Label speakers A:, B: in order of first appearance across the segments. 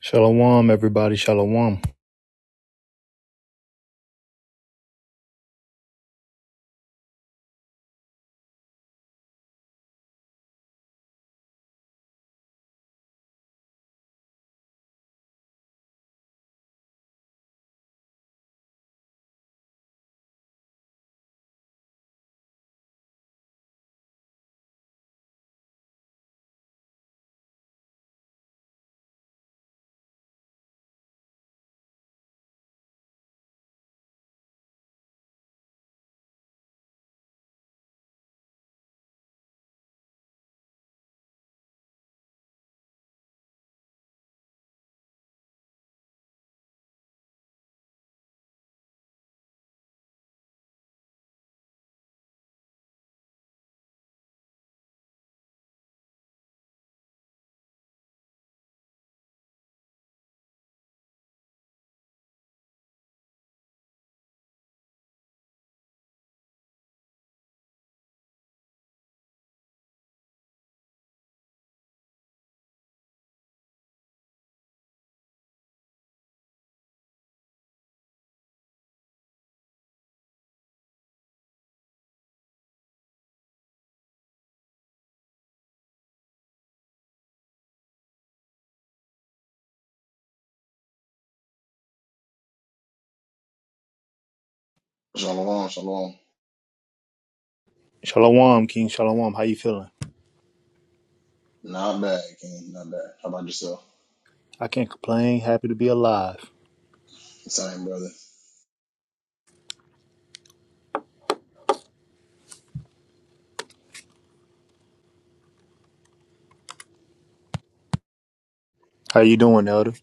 A: Shalom, everybody. Shalom.
B: Shalom, shalom.
A: Shalom, King. Shalom. How you feeling?
B: Not bad, King. Not bad. How about yourself?
A: I can't complain. Happy to be alive.
B: Same, brother.
A: How you doing, Elder?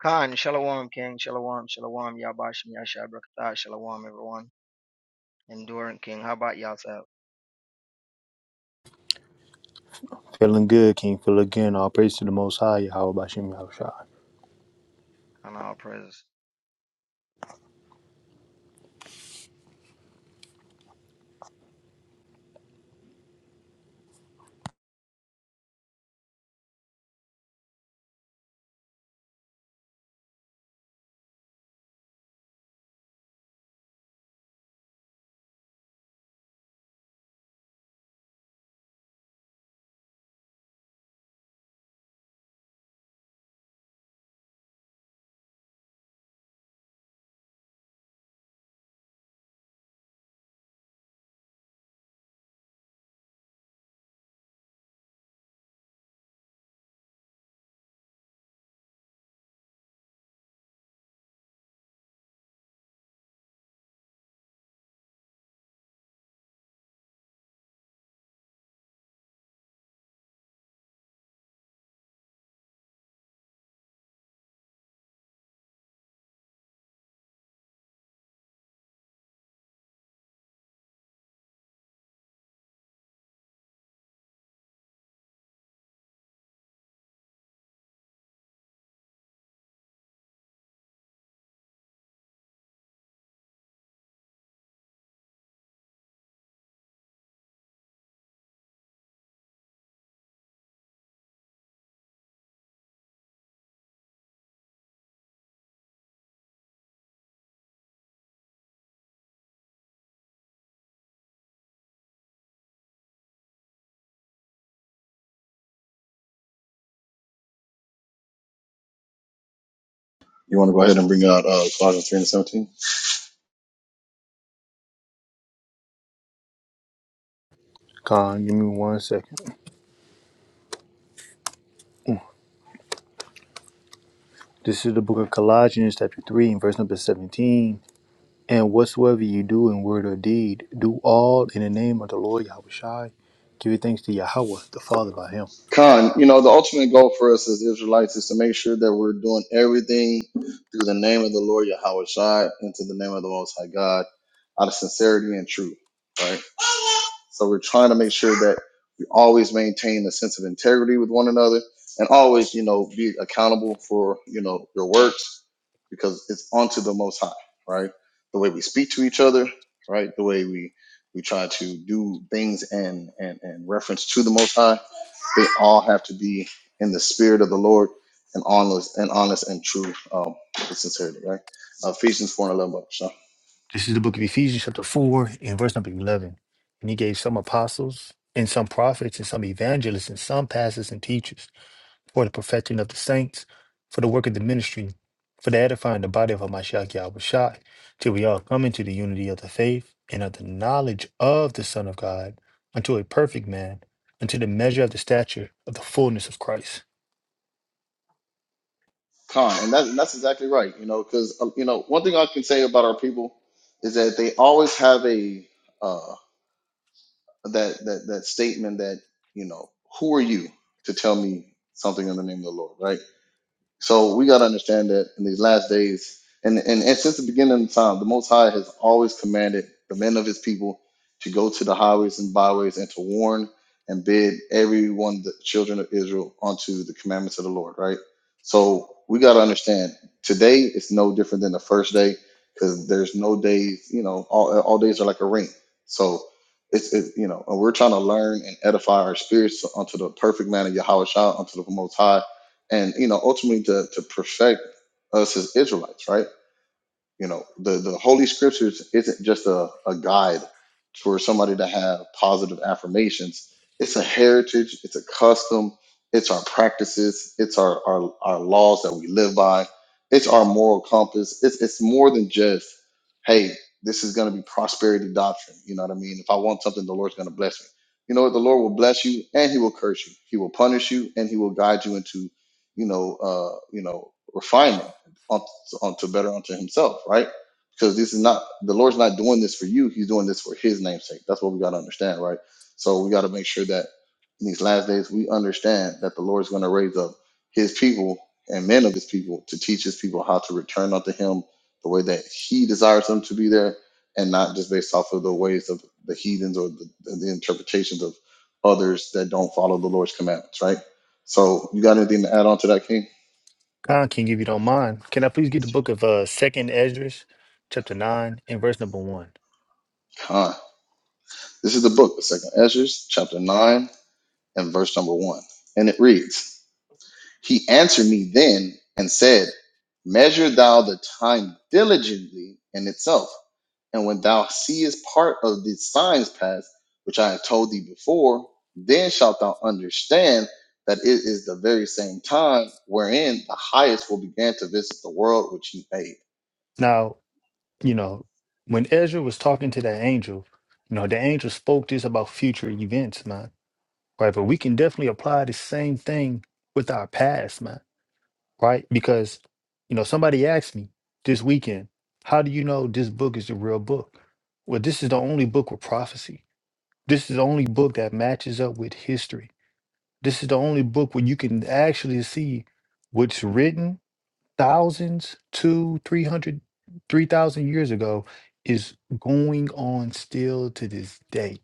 C: Khan, Shalom, King, Shalom, Shalom, Yabashim, Yashai, Brakatah, Shalom, everyone. Enduring King, how about yourself?
A: Feeling good, King. Feel again. All praise to the Most High. Yahweh Bashim Yahushua.
C: Khan, all praises.
B: You want to go ahead and bring out uh, Colossians 3 and 17?
A: Khan, give me one second. This is the book of Colossians, chapter 3, and verse number 17. And whatsoever you do in word or deed, do all in the name of the Lord Yahweh Shai. Give you thanks to Yahweh, the Father by Him.
B: Khan, you know, the ultimate goal for us as Israelites is to make sure that we're doing everything through the name of the Lord Yahweh Shai and to the name of the Most High God out of sincerity and truth, right? So we're trying to make sure that we always maintain a sense of integrity with one another and always, you know, be accountable for, you know, your works because it's onto the most high, right? The way we speak to each other, right? The way we we try to do things and and, and reference to the most high they all have to be in the spirit of the Lord and honest and honest and true um, with sincerity, right? Uh, Ephesians 4 and 11. Brother Sean.
A: This is the book of Ephesians, chapter 4, and verse number 11. And he gave some apostles, and some prophets, and some evangelists, and some pastors and teachers for the perfecting of the saints, for the work of the ministry, for the edifying the body of Hamashiach Yahushua, till we all come into the unity of the faith and of the knowledge of the Son of God, unto a perfect man, unto the measure of the stature of the fullness of Christ.
B: Con, and that's that's exactly right. You know, because uh, you know one thing I can say about our people is that they always have a uh, that that that statement that you know who are you to tell me something in the name of the lord right so we got to understand that in these last days, and, and, and since the beginning of time, the Most High has always commanded the men of his people to go to the highways and byways and to warn and bid everyone, the children of Israel, onto the commandments of the Lord, right? So we got to understand today is no different than the first day because there's no days, you know, all, all days are like a ring. So it's, it's, you know, and we're trying to learn and edify our spirits unto the perfect man of Yahweh Shah, unto the Most High and you know ultimately to to perfect us as Israelites, right? you know the the holy scriptures isn't just a, a guide for somebody to have positive affirmations it's a heritage it's a custom it's our practices it's our our, our laws that we live by it's our moral compass it's, it's more than just hey this is going to be prosperity doctrine you know what i mean if i want something the lord's going to bless me you know what the lord will bless you and he will curse you he will punish you and he will guide you into you know uh you know refinement Onto on better unto himself, right? Because this is not the Lord's not doing this for you; He's doing this for His name's sake. That's what we got to understand, right? So we got to make sure that in these last days we understand that the Lord's going to raise up His people and men of His people to teach His people how to return unto Him the way that He desires them to be there, and not just based off of the ways of the heathens or the, the interpretations of others that don't follow the Lord's commandments, right? So you got anything to add on to that, King?
A: Con King, if you don't mind, can I please get the book of uh, Second Esdras, chapter 9, and verse number 1?
B: This is the book, the second Ezra's, chapter 9 and verse number 1. And it reads, He answered me then and said, Measure thou the time diligently in itself. And when thou seest part of the signs past, which I have told thee before, then shalt thou understand that it is the very same time wherein the highest will begin to visit the world which he made.
A: Now. you know, when Ezra was talking to that angel, you know, the angel spoke this about future events, man. Right. But we can definitely apply the same thing with our past, man. Right. Because, you know, somebody asked me this weekend, how do you know this book is the real book? Well, this is the only book with prophecy. This is the only book that matches up with history. This is the only book where you can actually see what's written thousands, two, three hundred, three thousand years ago is going on still to this day.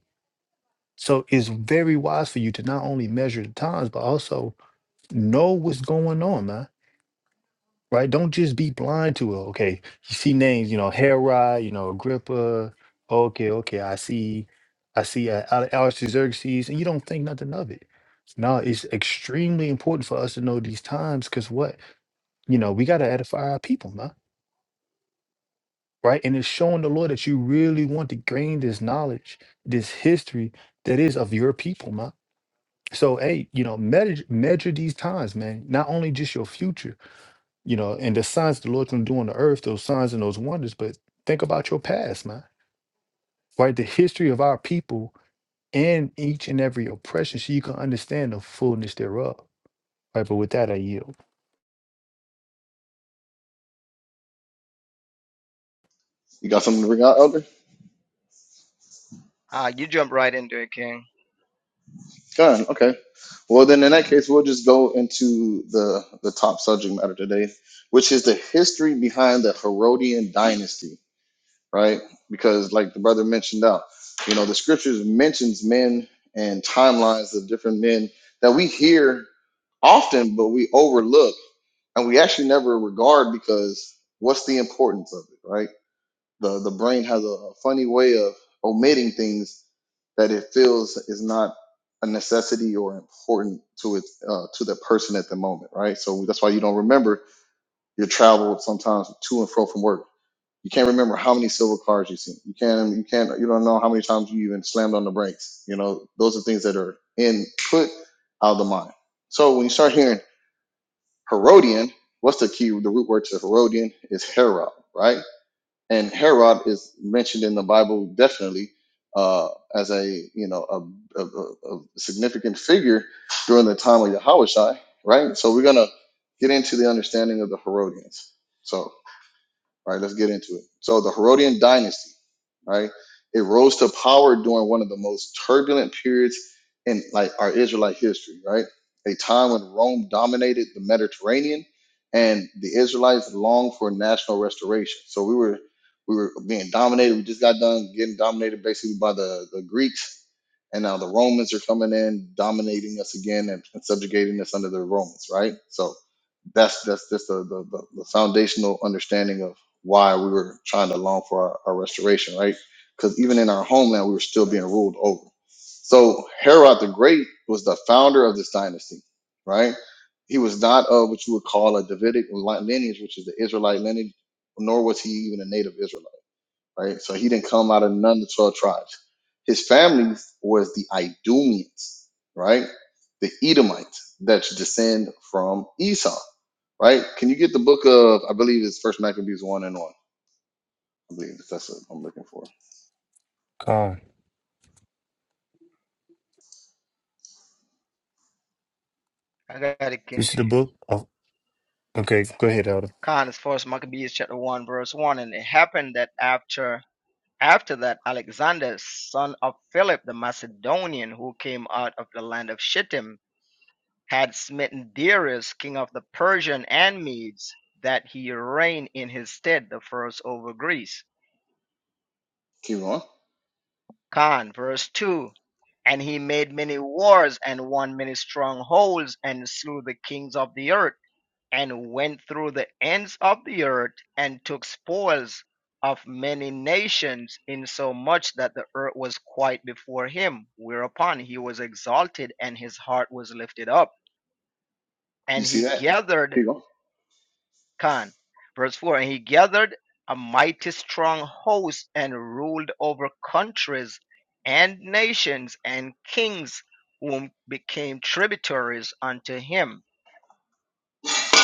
A: So it's very wise for you to not only measure the times, but also know what's going on, man. Right? Don't just be blind to it. Okay, you see names, you know, Herod, you know, Agrippa. Okay, okay, I see, I see uh, Ale- Artaxerxes, and you don't think nothing of it. No, it's extremely important for us to know these times because what you know, we got to edify our people, man right? And it's showing the Lord that you really want to gain this knowledge, this history that is of your people, man. So, hey, you know, measure, measure these times, man. Not only just your future, you know, and the signs the Lord's gonna do on the earth, those signs and those wonders, but think about your past, man. Right, the history of our people and each and every oppression, so you can understand the fullness thereof. Right, but with that, I yield.
B: You got something to bring out, Elder?
C: Ah, you jump right into it, King.
B: Good. Okay. Well, then in that case, we'll just go into the the top subject matter today, which is the history behind the Herodian dynasty, right? Because, like the brother mentioned out, you know, the scriptures mentions men and timelines of different men that we hear often, but we overlook and we actually never regard because what's the importance of it, right? The the brain has a, a funny way of omitting things that it feels is not a necessity or important to it uh, to the person at the moment, right? So that's why you don't remember your travel sometimes to and fro from work. You can't remember how many silver cars you've seen. You can't. You can't. You don't know how many times you even slammed on the brakes. You know, those are things that are input out of the mind. So when you start hearing Herodian, what's the key? The root word to Herodian is Herod, right? and Herod is mentioned in the Bible definitely uh, as a you know a, a, a a significant figure during the time of Yahushua, right? So we're gonna get into the understanding of the Herodians. So. Right. right, let's get into it. So the Herodian dynasty, right? It rose to power during one of the most turbulent periods in like our Israelite history, right? A time when Rome dominated the Mediterranean and the Israelites longed for national restoration. So we were we were being dominated. We just got done getting dominated basically by the, the Greeks and now the Romans are coming in, dominating us again, and, and subjugating us under the Romans, right? So that's that's just the, the, the, the foundational understanding of why we were trying to long for our, our restoration, right? Because even in our homeland, we were still being ruled over. So Herod the Great was the founder of this dynasty, right? He was not of what you would call a Davidic lineage, which is the Israelite lineage, nor was he even a native Israelite right? So he didn't come out of none of the 12 tribes. His family was the Idumeans, right? The Edomites that descend from Esau, right? Can you get the book of, I believe it's First Maccabees 1 and 1. I believe that's what I'm looking for.
A: God,
C: I got it, King.
A: this is
C: If
A: the
C: you
A: book. Oh, okay, go ahead, Elder.
C: Khan is first Maccabees chapter one, verse one, and it happened that after after that Alexander, son of Philip the Macedonian, who came out of the land of Shittim, had smitten Darius, king of the Persian and Medes, that he reigned in his stead the first over Greece
B: Keep going.
C: Khan, verse 2. And he made many wars and won many strongholds and slew the kings of the earth and went through the ends of the earth and took spoils of many nations insomuch that the earth was quiet before him whereupon he was exalted and his heart was lifted up
B: You
C: and he
B: see that?
C: gathered
B: Keep going.
C: Khan. Verse 4 And he gathered a mighty strong host and ruled over countries and nations and kings whom became tributaries unto him.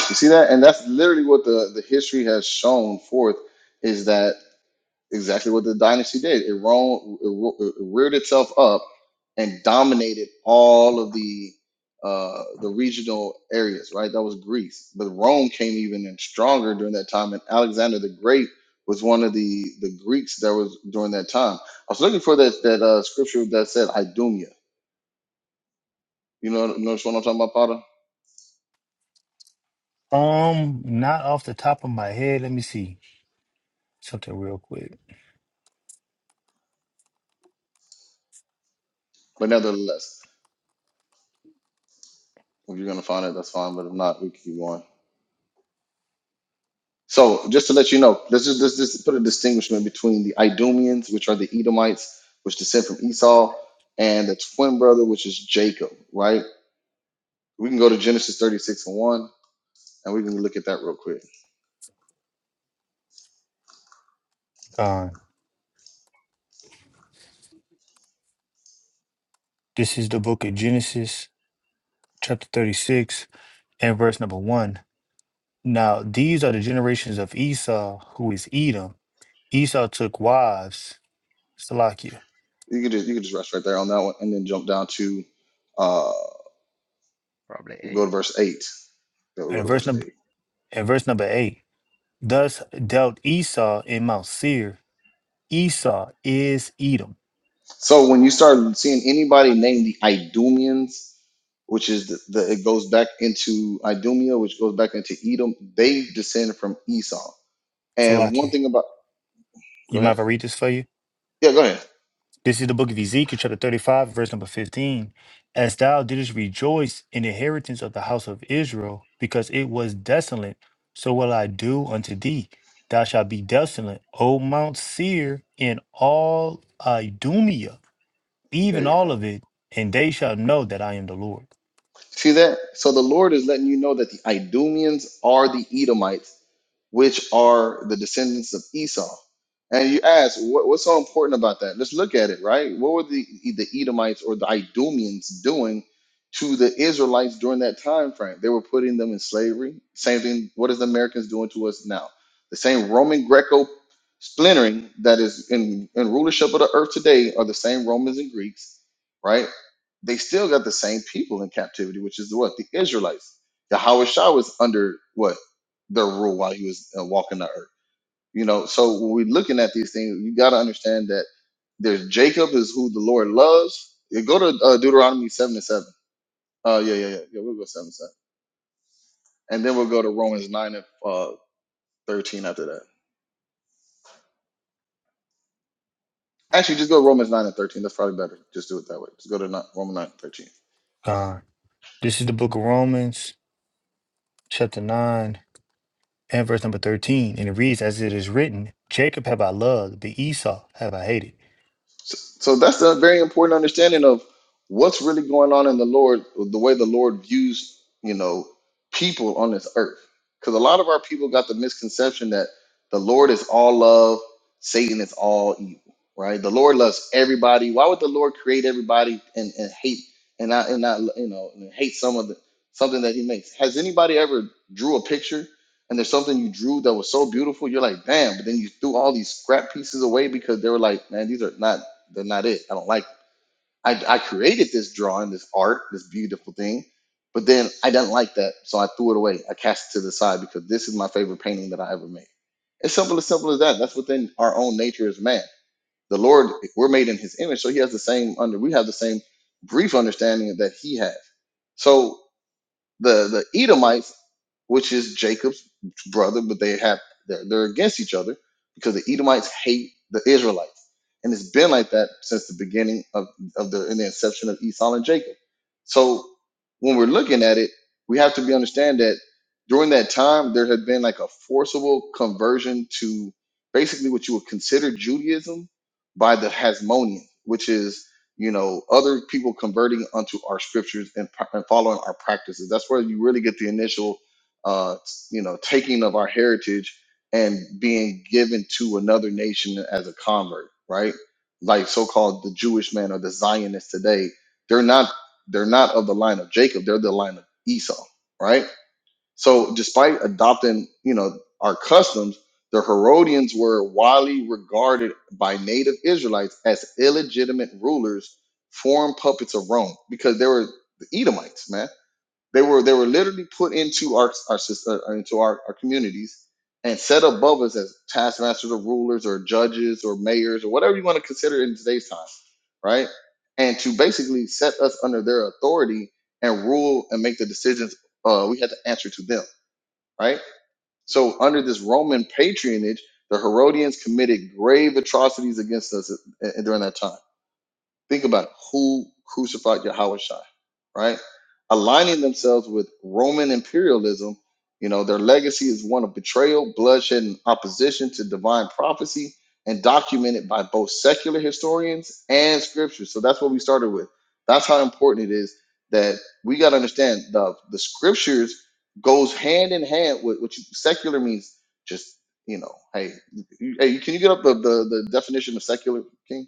B: You see that? And that's literally what the, the history has shown forth is that exactly what the dynasty did. It, roamed, it, ro- it reared itself up and dominated all of the uh, the regional areas. Right, that was Greece, but Rome came even in stronger during that time, and Alexander the Great was one of the the Greeks that was during that time. I was looking for that that uh, scripture that said "Idumia." You know, notice what I'm talking about, Potter.
A: Um, not off the top of my head. Let me see. something real quick.
B: But nevertheless, if you're gonna find it, that's fine. But if not, we can keep going. So just to let you know, let's just let's just put a distinguishment between the Idumeans, which are the Edomites, which descend from Esau, and the twin brother, which is Jacob, right? We can go to Genesis 36 and 1, and we can look at that real quick.
A: Uh, this is the book of Genesis, chapter 36, and verse number 1. Now, these are the generations of Esau, who is Edom. Esau took wives, Salakia.
B: You can just you can just rest right there on that one and then jump down to uh
C: Probably
B: we'll go
C: 8.
B: to verse 8. Yeah, we'll
A: And
B: go to
A: verse
B: verse
A: number
B: 8.
A: and verse number 8. Thus dealt Esau in Mount Seir. Esau is Edom.
B: So when you start seeing anybody named the Idumeans, which is the, the it goes back into Idumea, which goes back into Edom, they descend from Esau And one
A: Salakia.
B: thing about go
A: You mind
B: ahead.
A: if I read this for you?
B: Yeah, go ahead.
A: This is the book of Ezekiel, chapter 35, verse number 15. As thou didst rejoice in the inheritance of the house of Israel, because it was desolate, so will I do unto thee. Thou shalt be desolate, O Mount Seir, in all Idumea,
B: There
A: even
B: you
A: all
B: go.
A: of it, and they shall know that I am the Lord.
B: See that? So the Lord is letting you know that the Idumeans are the Edomites which are the descendants of Esau. And you ask, what, what's so important about that? Let's look at it, right? What were the, the Edomites or the Idumeans doing to the Israelites during that time frame? They were putting them in slavery. Same thing, what is the Americans doing to us now? The same Roman Greco splintering that is in, in rulership of the earth today are the same Romans and Greeks, right? They still got the same people in captivity, which is what? The Israelites. Yahweh Shah was under what? their rule while he was uh, walking the earth. You know, so when we're looking at these things, you got to understand that there's Jacob is who the Lord loves. You go to uh, Deuteronomy seven and seven. Uh, yeah, yeah, yeah, yeah. We'll go seven and seven, and then we'll go to Romans nine and uh, thirteen after that. Actually, just go to Romans nine and thirteen. That's probably better. Just do it that way. Just go to Romans nine and thirteen.
A: God. This is the book of Romans, chapter 9, and verse number 13. And it reads, As it is written, Jacob have I loved, but Esau have I hated.
B: So, so that's a very important understanding of what's really going on in the Lord, the way the Lord views, you know, people on this earth. Because a lot of our people got the misconception that the Lord is all love, Satan is all evil, right? The Lord loves everybody. Why would the Lord create everybody and, and hate and not and not you know and hate some of the something that He makes? Has anybody ever drew a picture? And there's something you drew that was so beautiful, you're like, damn, but then you threw all these scrap pieces away because they were like, man, these are not they're not it. I don't like. I I created this drawing, this art, this beautiful thing, but then I didn't like that, so I threw it away. I cast it to the side because this is my favorite painting that I ever made. It's simple as simple as that. That's within our own nature as man. The Lord, we're made in His image, so He has the same under. We have the same brief understanding that He has. So the the Edomites, which is Jacob's brother, but they have they're, they're against each other because the Edomites hate the Israelites, and it's been like that since the beginning of of the in the inception of Esau and Jacob. So when we're looking at it, we have to be understand that during that time there had been like a forcible conversion to basically what you would consider Judaism by the Hasmonean, which is you know, other people converting unto our scriptures and, pr- and following our practices. That's where you really get the initial, uh, you know, taking of our heritage and being given to another nation as a convert, right? Like so-called the Jewish man or the Zionists today, they're not they're not of the line of Jacob. They're the line of Esau, right? So despite adopting, you know, our customs, the Herodians were widely regarded by native Israelites as illegitimate rulers, foreign puppets of Rome, because they were the Edomites, man. They were they were literally put into our our sys- uh, uh, into our, our communities and set above us as taskmasters or rulers or judges or mayors or whatever you want to consider in today's time, right? And to basically set us under their authority and rule and make the decisions uh, we had to answer to them right? So under this Roman patronage, the Herodians committed grave atrocities against us uh, during that time. Think about it. who crucified Yahushua, right? Aligning themselves with Roman imperialism, you know, their legacy is one of betrayal, bloodshed, and opposition to divine prophecy, and documented by both secular historians and scripture. So that's what we started with. That's how important it is that we got to understand the the scriptures goes hand in hand with what you, secular means. Just you know, hey, you, hey, can you get up the, the the definition of secular, King?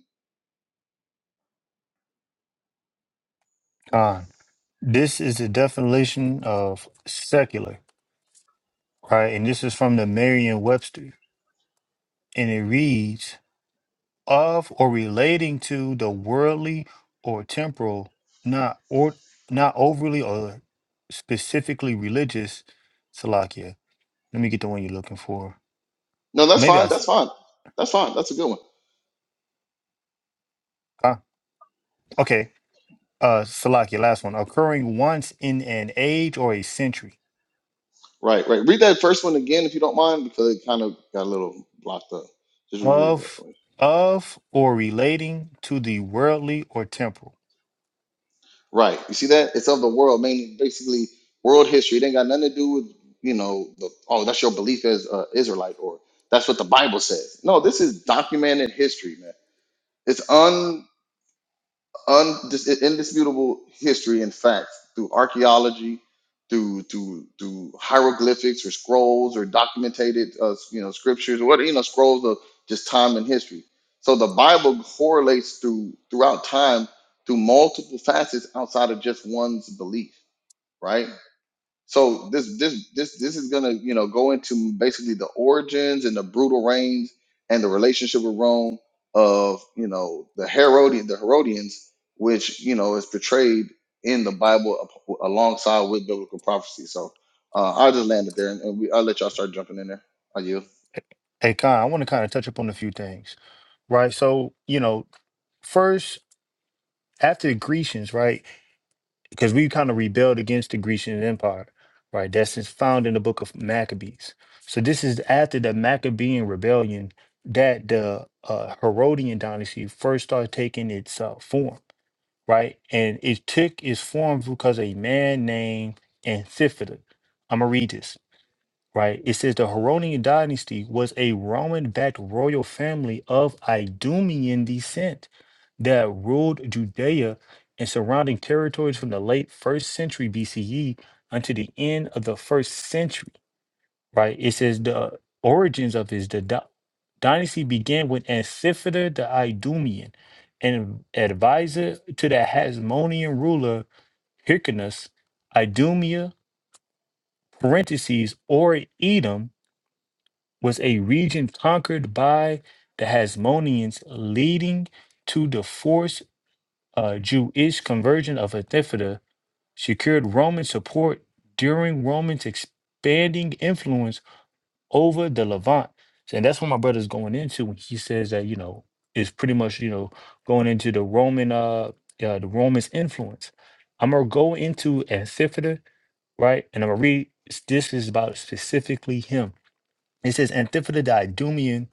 A: God. This is the definition of secular, right? And this is from the Merriam Webster. And it reads of or relating to the worldly or temporal, not or not overly or specifically religious. Salakia. Let me get the one you're looking for.
B: No, that's
A: Maybe I
B: fine.
A: s-
B: That's fine. That's fine. That's a good one.
A: ah okay. Uh Salakia, last one. Occurring once in an age or a century.
B: Right, right. Read that first one again if you don't mind, because it kind of got a little blocked up. Just reread that
A: Of
B: for me.
A: of or relating to the worldly or temporal.
B: Right. You see that? It's of the world, mainly basically world history. It ain't got nothing to do with, you know, the, oh, that's your belief as uh, Israelite or that's what the Bible says. No, this is documented history, man. It's undis indisputable history and facts through archaeology, through through through hieroglyphics or scrolls or documented uh, you know scriptures or what you know scrolls of just time and history. So the Bible correlates through throughout time through multiple facets outside of just one's belief, right? So this this this this is gonna you know go into basically the origins and the brutal reigns and the relationship with Rome of you know the Herodian the Herodians, which you know is portrayed in the Bible ap- alongside with biblical prophecy. So uh, I'll just land it there and, and we, I'll let y'all start jumping in there. Are you,
A: Hey, Khan, I want to kind of touch upon a few things, right? So, you know, first, after the Grecians, right? Because we kind of rebelled against the Grecian Empire, right? That's is found in the book of Maccabees. So, this is after the Maccabean rebellion that the uh, Herodian dynasty first started taking its uh, form, right? And it took its form because a man named Amphipolis. I'm going to read this right? It says the Heronian dynasty was a Roman backed royal family of Idumean descent that ruled Judea and surrounding territories from the late first century BCE until the end of the first century, right? It says the origins of his the dy- dynasty began with Antipater the Idumean, an advisor to the Hasmonean ruler Hyrcanus, Idumea, parentheses, or Edom, was a region conquered by the Hasmoneans, leading to the forced uh, Jewish conversion of Antipater. secured Roman support during Roman's expanding influence over the Levant. So, And that's what my brother's going into when he says that, you know, it's pretty much, you know, going into the Roman, uh, uh the Romans' influence. I'm going to go into Antipater right? And I'm going to read, this is about specifically him. It says, Antipater the Idumean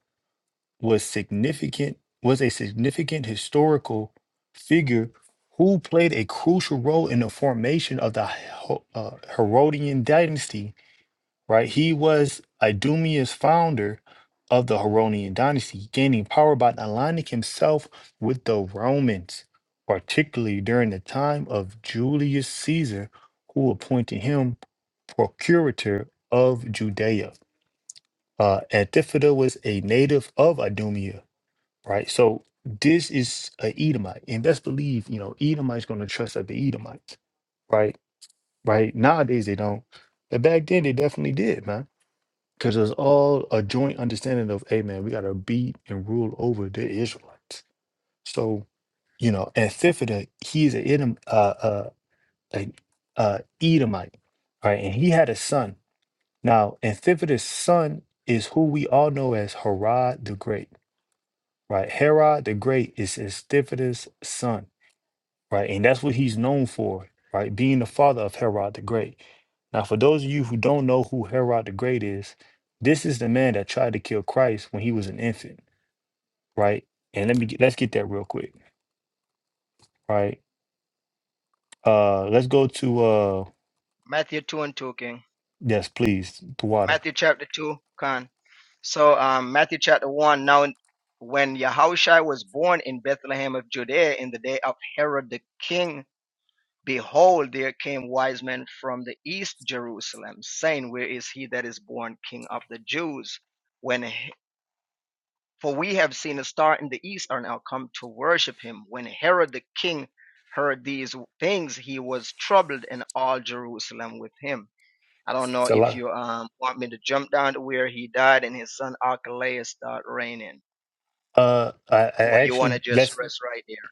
A: was significant was a significant historical figure who played a crucial role in the formation of the Ho- uh, Herodian dynasty. Right, he was Idumea's founder of the Herodian dynasty, gaining power by aligning himself with the Romans, particularly during the time of Julius Caesar, who appointed him procurator of Judea. Uh, Antipater was a native of Idumea right? So this is a Edomite, and best believe, you know, Edomite's going to trust other Edomites, right? Right? Nowadays they don't, but back then they definitely did, man, because it was all a joint understanding of, hey, man, we got to beat and rule over the Israelites. So, you know, Antipater, he's an Edom, uh, uh, a, uh, Edomite, right? And he had a son. Now, Antipater's son is who we all know as Herod the Great right? Herod the Great is Estevitus' son, right? And that's what he's known for, right? Being the father of Herod the Great. Now, for those of you who don't know who Herod the Great is, this is the man that tried to kill Christ when he was an infant, right? And let me get, let's get that real quick, right? Uh, let's go to uh,
C: Matthew 2 and 2, King.
A: yes, please, the water.
C: Matthew chapter 2, Khan. So, um, Matthew chapter 1. Now, when Yahushua was born in Bethlehem of Judea in the day of Herod the king Behold, there came wise men from the east Jerusalem, saying, Where is he that is born King of the Jews? When He- for we have seen a star in the east, and are now come to worship him. When Herod the king heard these things, he was troubled, and all Jerusalem with him. I don't know
A: It's a
C: if
A: lot.
C: you um, want me to jump down to where he died and his son Archelaus start reigning,
A: Uh, I, I
C: or you want to
A: actually
C: just
A: let's
C: rest right there.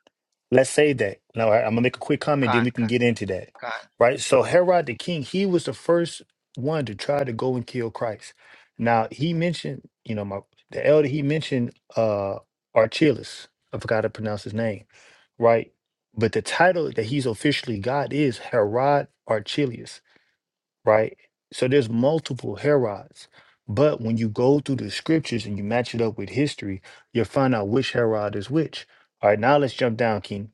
A: Let's say that. Now, I- I'm gonna make a quick comment, then
C: Con,
A: we can
C: con,
A: get into that.
C: con.
A: Right? So Herod the king, he was the first one to try to go and kill Christ. Now he mentioned, you know, my the elder he mentioned uh Archelaus. I forgot to pronounce his name, right? But the title that he's officially got is Herod Archelaus, right? So there's multiple Herods. But when you go through the scriptures and you match it up with history, you'll find out which Herod is which. All right, now let's jump down, King.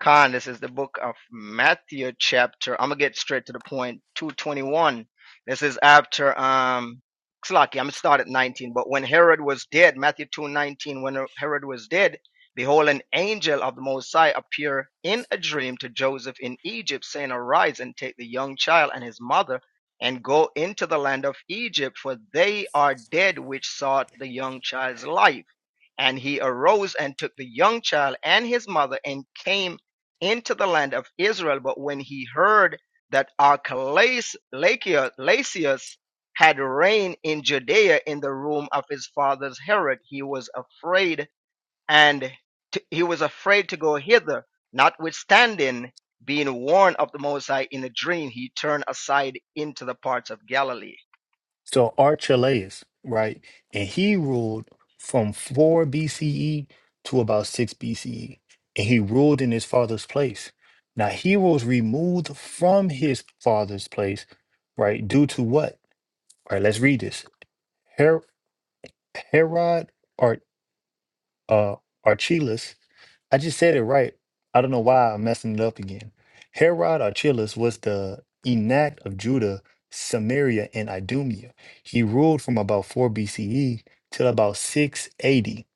C: Khan, this is the book of Matthew chapter. I'm gonna get straight to the point. 221. This is after um it's lucky, I'm gonna start at 19. But when Herod was dead, Matthew 2:19, when Herod was dead, behold, an angel of the Most High appeared in a dream to Joseph in Egypt, saying, Arise and take the young child and his mother and go into the land of Egypt, for they are dead which sought the young child's life. And he arose and took the young child and his mother and came into the land of Israel. But when he heard that Archelaus had reigned in Judea in the room of his father's Herod, he was afraid and t- he was afraid to go hither. Notwithstanding being warned of the Mosai in a dream, he turned aside into the parts of Galilee.
A: So Archelaus, right? And he ruled from 4 BCE to about 6 BCE. And he ruled in his father's place. Now he was removed from his father's place, right? Due to what? All right, let's read this. Her- Herod Ar- uh, Archelaus I just said it right. I don't know why I'm messing it up again. Herod Archelaus was the enact of Judah, Samaria, and Idumea. He ruled from about 4 BCE till about 680.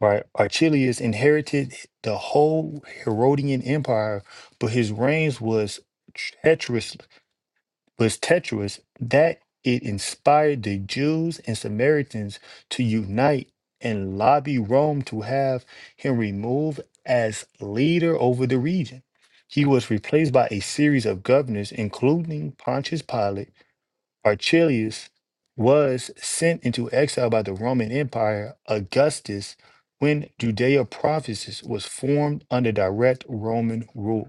A: Right? Archelaus inherited the whole Herodian Empire, but his reigns was treacherous was treacherous that it inspired the Jews and Samaritans to unite and lobby Rome to have him removed as leader over the region. He was replaced by a series of governors, including Pontius Pilate. Archelaus was sent into exile by the Roman Empire. Augustus, when Judea provinces was formed under direct Roman rule.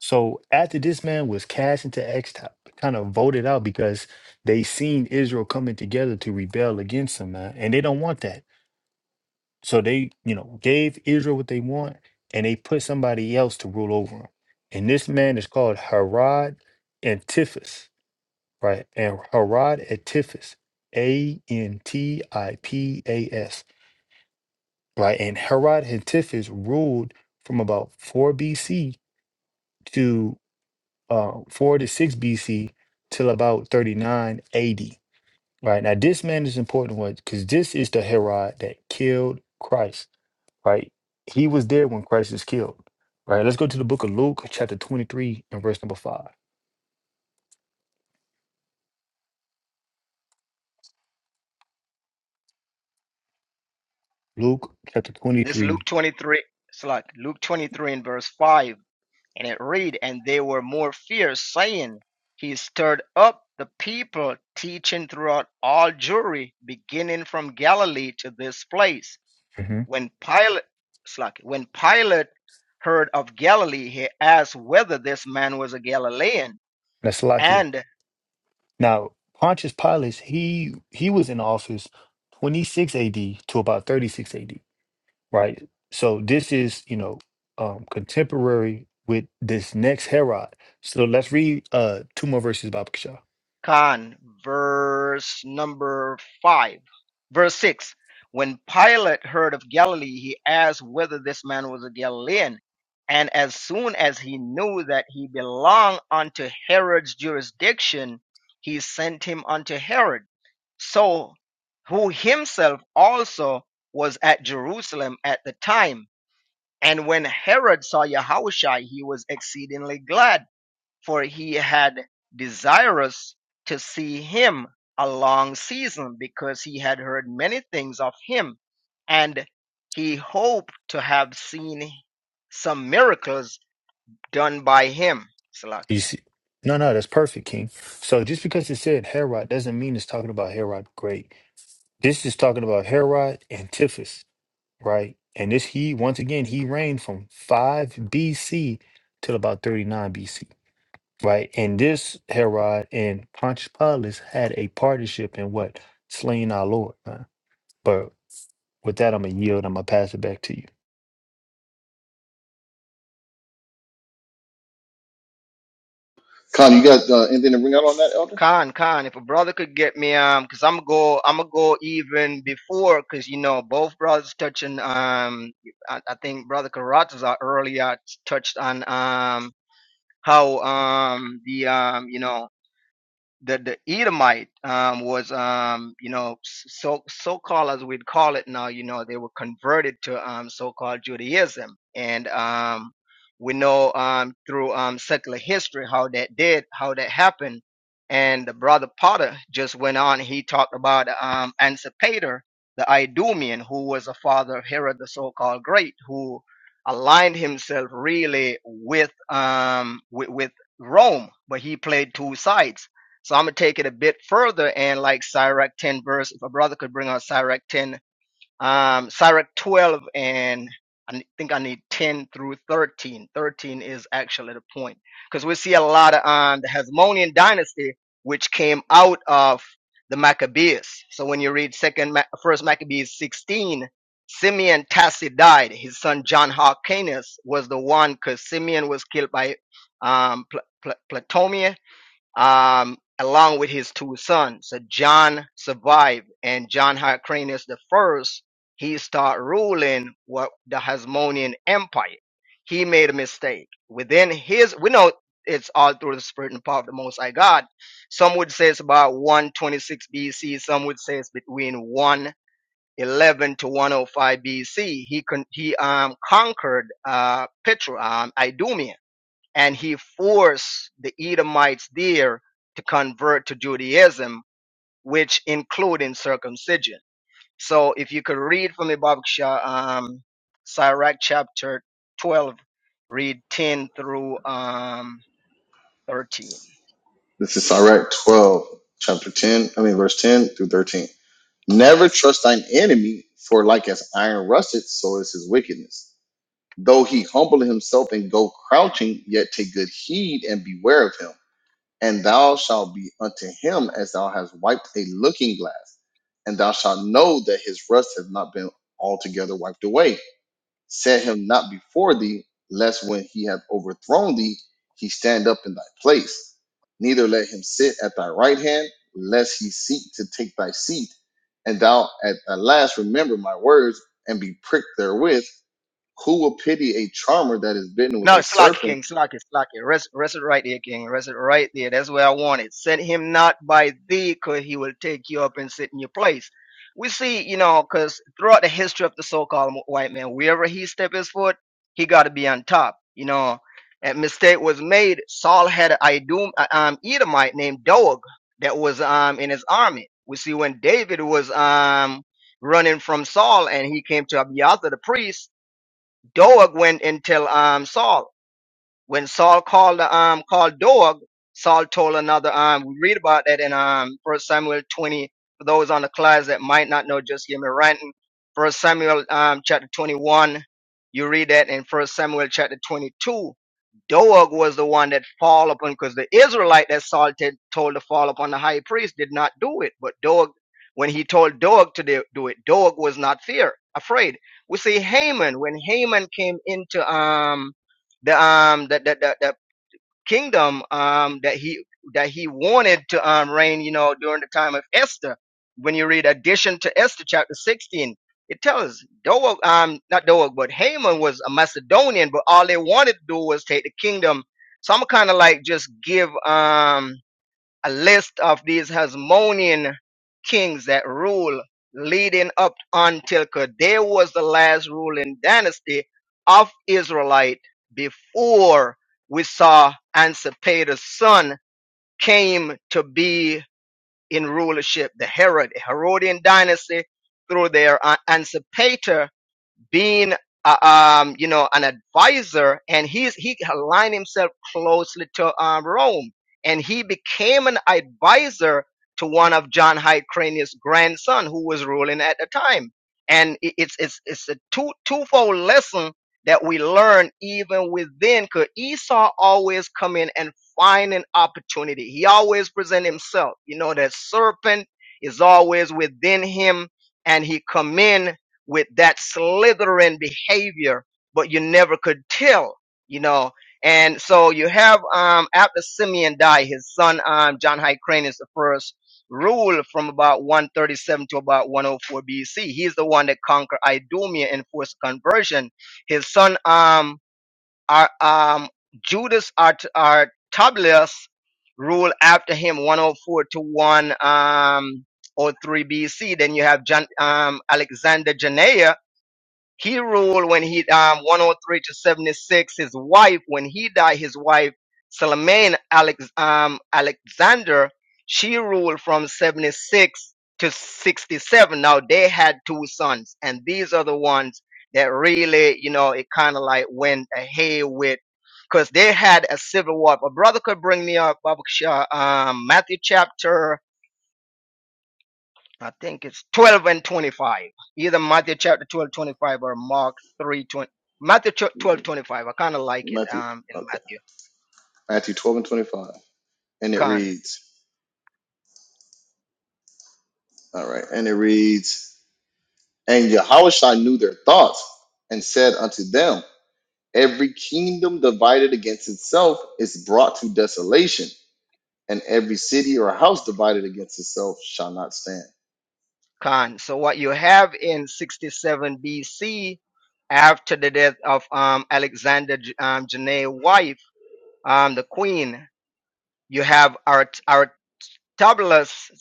A: So after this man was cast into exile, kind of voted out because they seen Israel coming together to rebel against him, man, and they don't want that. So they, you know, gave Israel what they want, and they put somebody else to rule over them. And this man is called Herod Antipas, right? And Herod Antipas, A N T I P A S, right? And Herod Antipas ruled from about 4 BC uh, 46 BC till about 39 AD. Right now, this man is important one because this is the Herod that killed Christ. Right, he was there when Christ was killed. Right, let's go to the book of Luke, chapter 23, and verse number five. Luke chapter
C: This Luke
A: 23.
C: 23, slot, Luke 23 and verse 5 And it read, And they were more fierce, saying, He stirred up the people, teaching throughout all Jewry, beginning from Galilee to this place.
A: Mm-hmm.
C: When Pilate, when Pilate heard of Galilee, he asked whether this man was a Galilean.
A: That's Salakia.
C: and
A: Now, Pontius Pilate, he he was in office 26 AD to about 36 AD. right? So this is, you know, um, contemporary with this next Herod. So let's read uh two more verses about Bakshah.
C: Khan, verse number 5. Verse 6. When Pilate heard of Galilee, he asked whether this man was a Galilean. And as soon as he knew that he belonged unto Herod's jurisdiction, he sent him unto Herod. So, who himself also was at Jerusalem at the time. And when Herod saw Yahushua, he was exceedingly glad for he had desirous to see him a long season, because he had heard many things of him, and he hoped to have seen some miracles done by him.
A: You
C: Salaki.
A: see, no, no, that's perfect, King. So just because it said Herod doesn't mean it's talking about Herod the Great. This is talking about Herod Antipas, right? And this he once again he reigned from five BC till about thirty nine BC, right? And this Herod and Pontius Pilate had a partnership in what slaying our Lord, man. With that, I'm gonna yield. I'm gonna pass it back to you.
B: Con? You got uh, anything to bring out on that, Elder?
C: Khan, Khan, if a brother could get me, um, cause I'm go, I'm gonna go even before, cause you know both brothers touching, um, I, I think brother Karatas earlier touched on, um, how, um, the, um, you know, the the Edomite um, was um, you know so so called as we'd call it now you know they were converted to um, so called Judaism and um, we know um, through um, secular history how that did how that happened and the brother Potter just went on he talked about um, Ansipater the Idumean who was a father of Herod the so called great who aligned himself really with um, with, with Rome but he played two sides so I'm gonna take it a bit further and like Sirach 10 verse, if a brother could bring out Sirach 10, um, Sirach 12 and I think I need 10 through 13. 13 is actually the point because we see a lot of um, the Hasmonean dynasty, which came out of the Maccabees. So when you read second, Ma- first Maccabees 16, Simeon Tassi died. His son John Hyrcanus was the one because Simeon was killed by um, Pl- Pl- um, along with his two sons. So John survived, and John Hyrcanus the first, he started ruling what the Hasmonean Empire. He made a mistake within his. We know it's all through the spirit and power of the Most High God. Some would say it's about 126 BC. Some would say it's between 111 to 105 BC. He con- he um conquered uh Petra um Idumea and he forced the Edomites there to convert to Judaism, which including circumcision. So if you could read for me, Babaksha, um, Sirach chapter 12, read 10 through um, 13.
B: This is Sirach twelve, chapter ten. I mean, verse ten through thirteen. Never trust thine enemy, for like as iron rusteth, so is his wickedness though he humble himself and go crouching, yet take good heed and beware of him. And thou shalt be unto him as thou hast wiped a looking glass, and thou shalt know that his rust hath not been altogether wiped away. Set him not before thee, lest when he hath overthrown thee, he stand up in thy place. Neither let him sit at thy right hand, lest he seek to take thy seat. And thou at the last remember my words, and be pricked therewith, who will pity a charmer that is bitten with
C: No,
B: a
C: slack it,
B: serpent?
C: King, slack it, slack it. Rest, rest it right there, King. Rest it right there. That's where I want it. Send him not by thee, cause he will take you up and sit in your place. We see, you know, cause throughout the history of the so-called white man, wherever he step his foot, he got to be on top. You know, a mistake was made. Saul had an Idum, a, um, Edomite named Doeg that was um in his army. We see when David was um running from Saul and he came to Abiathar the priest, Doeg went and tell um Saul. When Saul called the um called Dog, Saul told another um we read about that in um First Samuel twenty. For those on the class that might not know, just hear me ranting. First Samuel um chapter twenty one, you read that in First Samuel chapter twenty two. Doeg was the one that fall upon because the Israelite that Saul t- told to fall upon the high priest did not do it. But Doeg, when he told Doeg to do do it, Doeg was not fear afraid. We see Haman when Haman came into um the um the the, the, the kingdom um that he that he wanted to um reign you know during the time of Esther when you read addition to Esther chapter 16 it tells Doeg um not Doeg but Haman was a Macedonian but all they wanted to do was take the kingdom so I'm kind of like just give um a list of these Hasmonean kings that rule leading up until Kadesh was the last ruling dynasty of Israelite before we saw Ansipater's son came to be in rulership, the Herod, Herodian dynasty through their Ansipater being uh, um, you know an advisor and he's he aligned himself closely to um, rome and he became an advisor to one of john hyde grandson who was ruling at the time and it- it's it's it's a two twofold lesson that we learn even within because esau always come in and find an opportunity he always present himself you know that serpent is always within him and he come in with that slithering behavior, but you never could tell, you know. And so you have um after Simeon died, his son um John Hyrcanus the first ruled from about 137 to about 104 BC. He's the one that conquered Idumea and forced conversion. His son um Ar- um Judas Art- Artablius ruled after him 104 to 1 um or BC. Then you have John, um, Alexander Janea. He ruled when he um 103 to 76. His wife, when he died, his wife Salome Alex um Alexander, she ruled from 76 to 67. Now they had two sons, and these are the ones that really, you know, it kind of like went ahead with. Because they had a civil war. But brother could bring me up, Baba Kasha, um, Matthew chapter I think it's 12 and 25. Either Matthew chapter 12 25 or Mark 3 20. Matthew 12 25. I kind of like it
B: Matthew,
C: um, in
B: okay,
C: Matthew.
B: Matthew 12 and 25. And it
C: Khan.
B: reads, all right, and it reads, and Yahushua knew their thoughts and said unto them, Every kingdom divided against itself is brought to desolation, and every city or house divided against itself shall not stand.
C: Khan. So what you have in 67 BC, after the death of um, Alexander J- um, Janae's wife, um, the queen, you have Art- Artabulus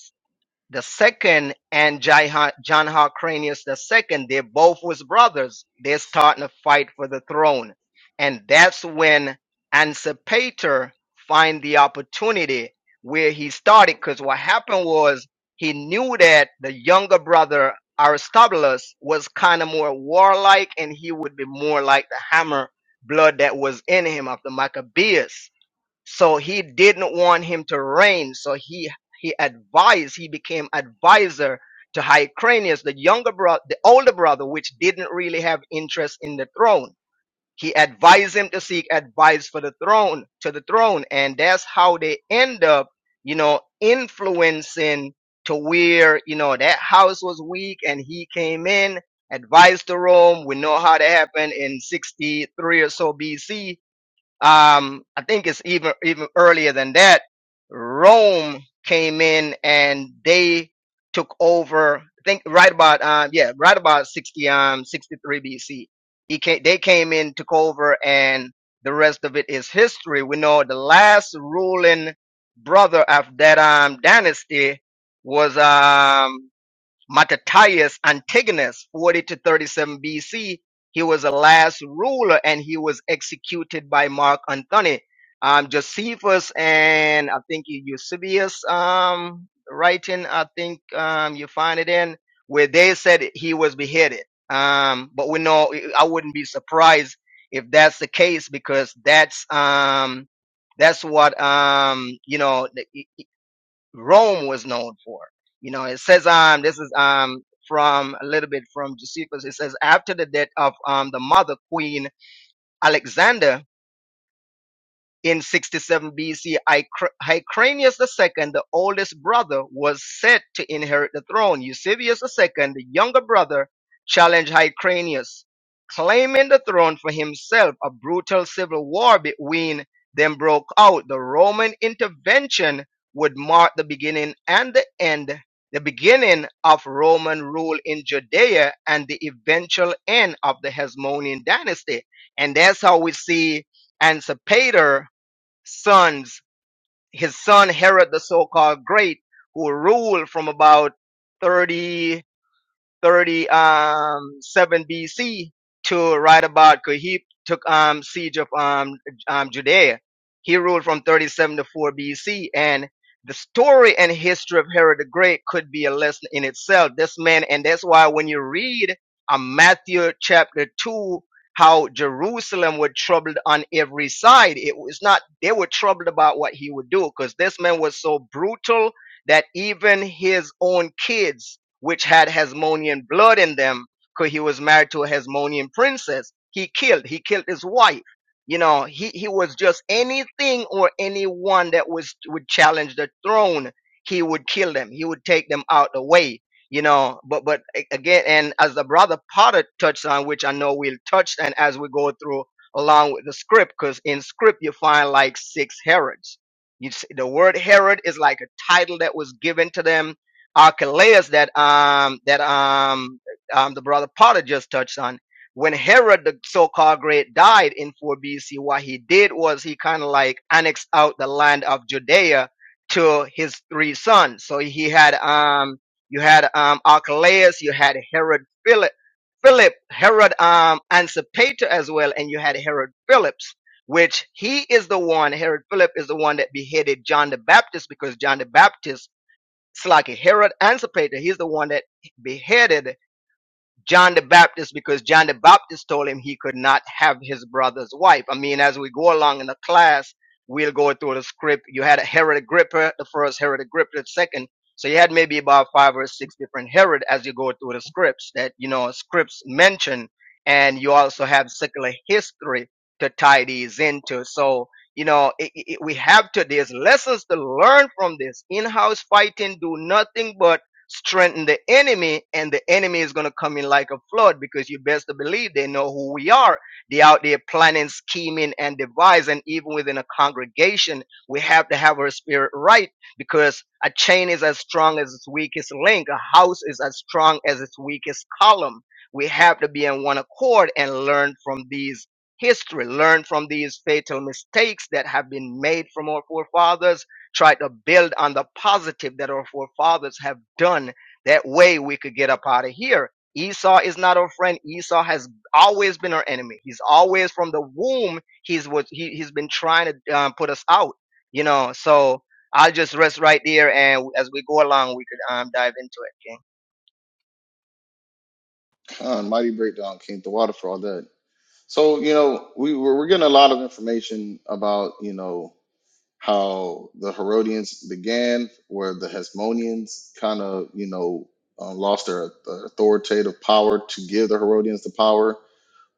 C: the second and Jai- Ha- John Hyrcanus the second, they both was brothers. They're starting to fight for the throne, and that's when Ansipater find the opportunity where he started. Because what happened was he knew that the younger brother Aristobulus was kind of more warlike, and he would be more like the hammer blood that was in him of the Maccabees. So he didn't want him to reign. So he he advised, he became advisor to Hyrcanus, the younger brother, the older brother, which didn't really have interest in the throne. He advised him to seek advice for the throne, to the throne, and that's how they end up, you know, influencing to where you know that house was weak, and he came in, advised to Rome. We know how that happened in 63 or so BC um, I think it's even even earlier than that. Rome came in and they took over. I think right about um, yeah, right about sixty um sixty three BC. He came, they came in, took over, and the rest of it is history. We know the last ruling brother of that um dynasty was um Mattathias Antigonus, 40 to 37 BC. He was the last ruler and he was executed by Mark Antony. Um, Josephus and I think E- Eusebius um, writing, I think um, you find it in, where they said he was beheaded. Um, but we know, I wouldn't be surprised if that's the case because that's um, that's what um, you know. Rome was known for. You know, it says um this is um from a little bit from Josephus. It says after the death of um the mother queen Alexander, in 67 BC, Hycr- Hyrcanus II, the oldest brother, was set to inherit the throne. Eusebius II, the younger brother, challenged Hyrcanus, claiming the throne for himself. A brutal civil war between them broke out. The Roman intervention would mark the beginning and the end, the beginning of Roman rule in Judea and the eventual end of the Hasmonean dynasty. And that's how we see Antipater sons. His son Herod the so-called Great, who ruled from about 30. 37 BC to right about Kahib took um, siege of um, um, Judea. He ruled from 37 to 4 BC, and the story and history of Herod the Great could be a lesson in itself. This man, and that's why when you read um, Matthew chapter 2, how Jerusalem were troubled on every side. It was not, they were troubled about what he would do because this man was so brutal that even his own kids which had Hasmonean blood in them, because he was married to a Hasmonean princess. He killed. He killed his wife. You know, he, he was just anything or anyone that was would challenge the throne, he would kill them. He would take them out the way. You know, but but a- again, and as the brother Potter touched on, which I know we'll touch, and as we go through along with the script, because in script you find like six Herods. You see, the word Herod is like a title that was given to them Archelaus that um that um um the brother Potter just touched on. When Herod the so-called great died in 4 BC, what he did was he kind of like annexed out the land of Judea to his three sons. So he had um you had um Archelaus, you had Herod Philip Philip, Herod um Antipater as well, and you had Herod Philip's, which he is the one, Herod Philip is the one that beheaded John the Baptist because John the Baptist it's like Herod Antipater. He's the one that beheaded John the Baptist because John the Baptist told him he could not have his brother's wife. I mean, as we go along in the class, we'll go through the script. You had a Herod Agrippa, the first Herod Agrippa, the second. So you had maybe about five or six different Herod as you go through the scripts that, you know, scripts mention. And you also have secular history to tie these into. So, you know, it, it, we have to, there's lessons to learn from this. In-house fighting do nothing but strengthen the enemy and the enemy is going to come in like a flood because you best to believe they know who we are they out there planning scheming and devising And even within a congregation we have to have our spirit right because a chain is as strong as its weakest link a house is as strong as its weakest column we have to be in one accord and learn from these history learn from these fatal mistakes that have been made from our forefathers try to build on the positive that our forefathers have done. That way we could get up out of here. Esau is not our friend. Esau has always been our enemy. He's always from the womb. He's what he, he's been trying to um, put us out, you know. So I'll just rest right there. And as we go along, we could um, dive into it. King.
B: Huh, mighty breakdown came to water for all that. So, you know, we, we're, we're getting a lot of information about, you know, how the Herodians began, where the Hasmoneans kind of, you know, uh, lost their, authoritative power to give the Herodians the power.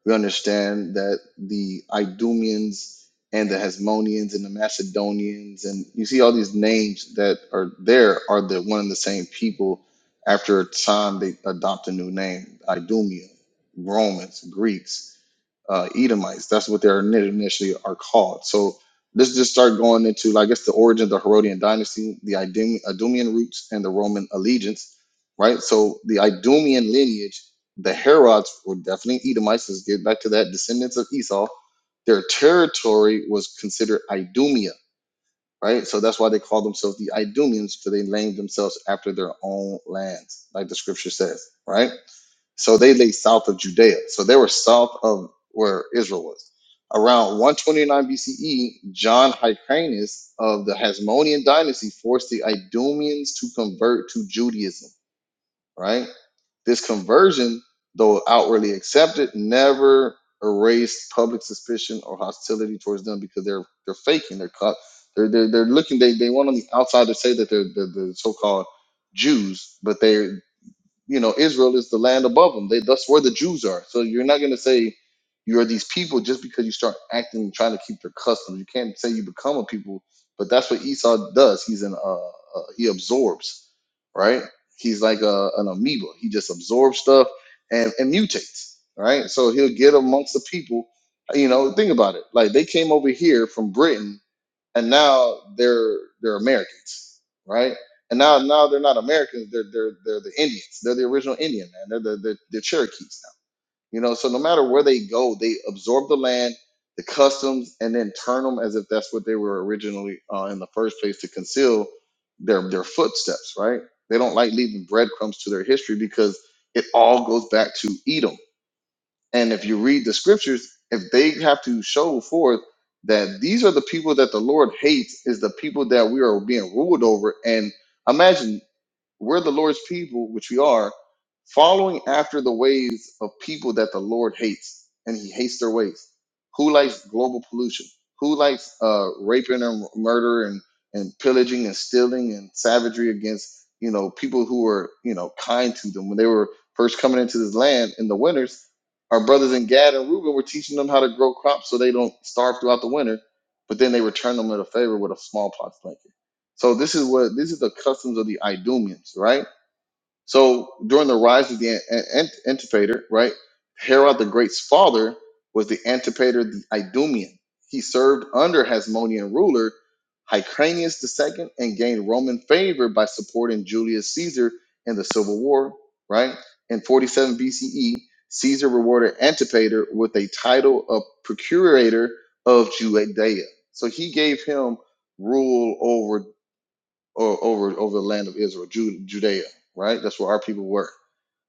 B: We understand that the Idumeans and the Hasmoneans and the Macedonians, and you see all these names that are there are the one and the same people. After a time, they adopt a new name: Idumea, Romans, Greeks uh, Edomites. That's what they're initially are called. So let's just start going into, like, I guess, the origin of the Herodian dynasty, the Idum- Idumean roots, and the Roman allegiance, right? So the Idumean lineage, the Herods were definitely Edomites. Let's get back to that. Descendants of Esau. Their territory was considered Idumea, right? So that's why they call themselves the Idumeans, because they named themselves after their own lands, like the scripture says, right? So they lay south of Judea. So they were south of where Israel was. Around 129 BCE, John Hyrcanus of the Hasmonean dynasty forced the Idumeans to convert to Judaism, right? This conversion, though outwardly accepted, never erased public suspicion or hostility towards them because they're they're faking, they're cut, they're they're, they're looking, they, they want on the outside to say that they're, they're the so-called Jews, but they you know Israel is the land above them. They, that's where the Jews are. So you're not going to say you are these people just because you start acting and trying to keep their customs. You can't say you become a people, but that's what Esau does. He's an uh, uh, he absorbs, right? He's like a, an amoeba. He just absorbs stuff and, and mutates, right? So he'll get amongst the people. You know, think about it. Like they came over here from Britain and now they're they're Americans, right? And now now they're not Americans, they're they're they're the Indians. They're the original Indian man. They're the they're, they're Cherokees now. You know, so no matter where they go, they absorb the land, the customs, and then turn them as if that's what they were originally uh, in the first place to conceal their their footsteps, right? They don't like leaving breadcrumbs to their history because it all goes back to Edom and if you read the scriptures, if they have to show forth that these are the people that the Lord hates, is the people that we are being ruled over. And imagine we're the Lord's people, which we are, following after the ways of people that the Lord hates, and He hates their ways. Who likes global pollution? Who likes uh, raping and murder and and pillaging and stealing and savagery against you know people who were you know kind to them when they were first coming into this land in the winters? Our brothers in Gad and Reuben were teaching them how to grow crops so they don't starve throughout the winter, but then they return them with a favor with a smallpox plague so this is what this is the customs of the Idumeans, right? So during the rise of the An- An- An- Antipater, right, Herod the Great's father was the Antipater the Idumean. He served under Hasmonean ruler Hyrcanus II and gained Roman favor by supporting Julius Caesar in the Civil War, right? In 47 BCE, Caesar rewarded Antipater with a title of procurator of Judea. So he gave him rule over or over over the land of Israel, Ju- Judea, right? That's where our people were.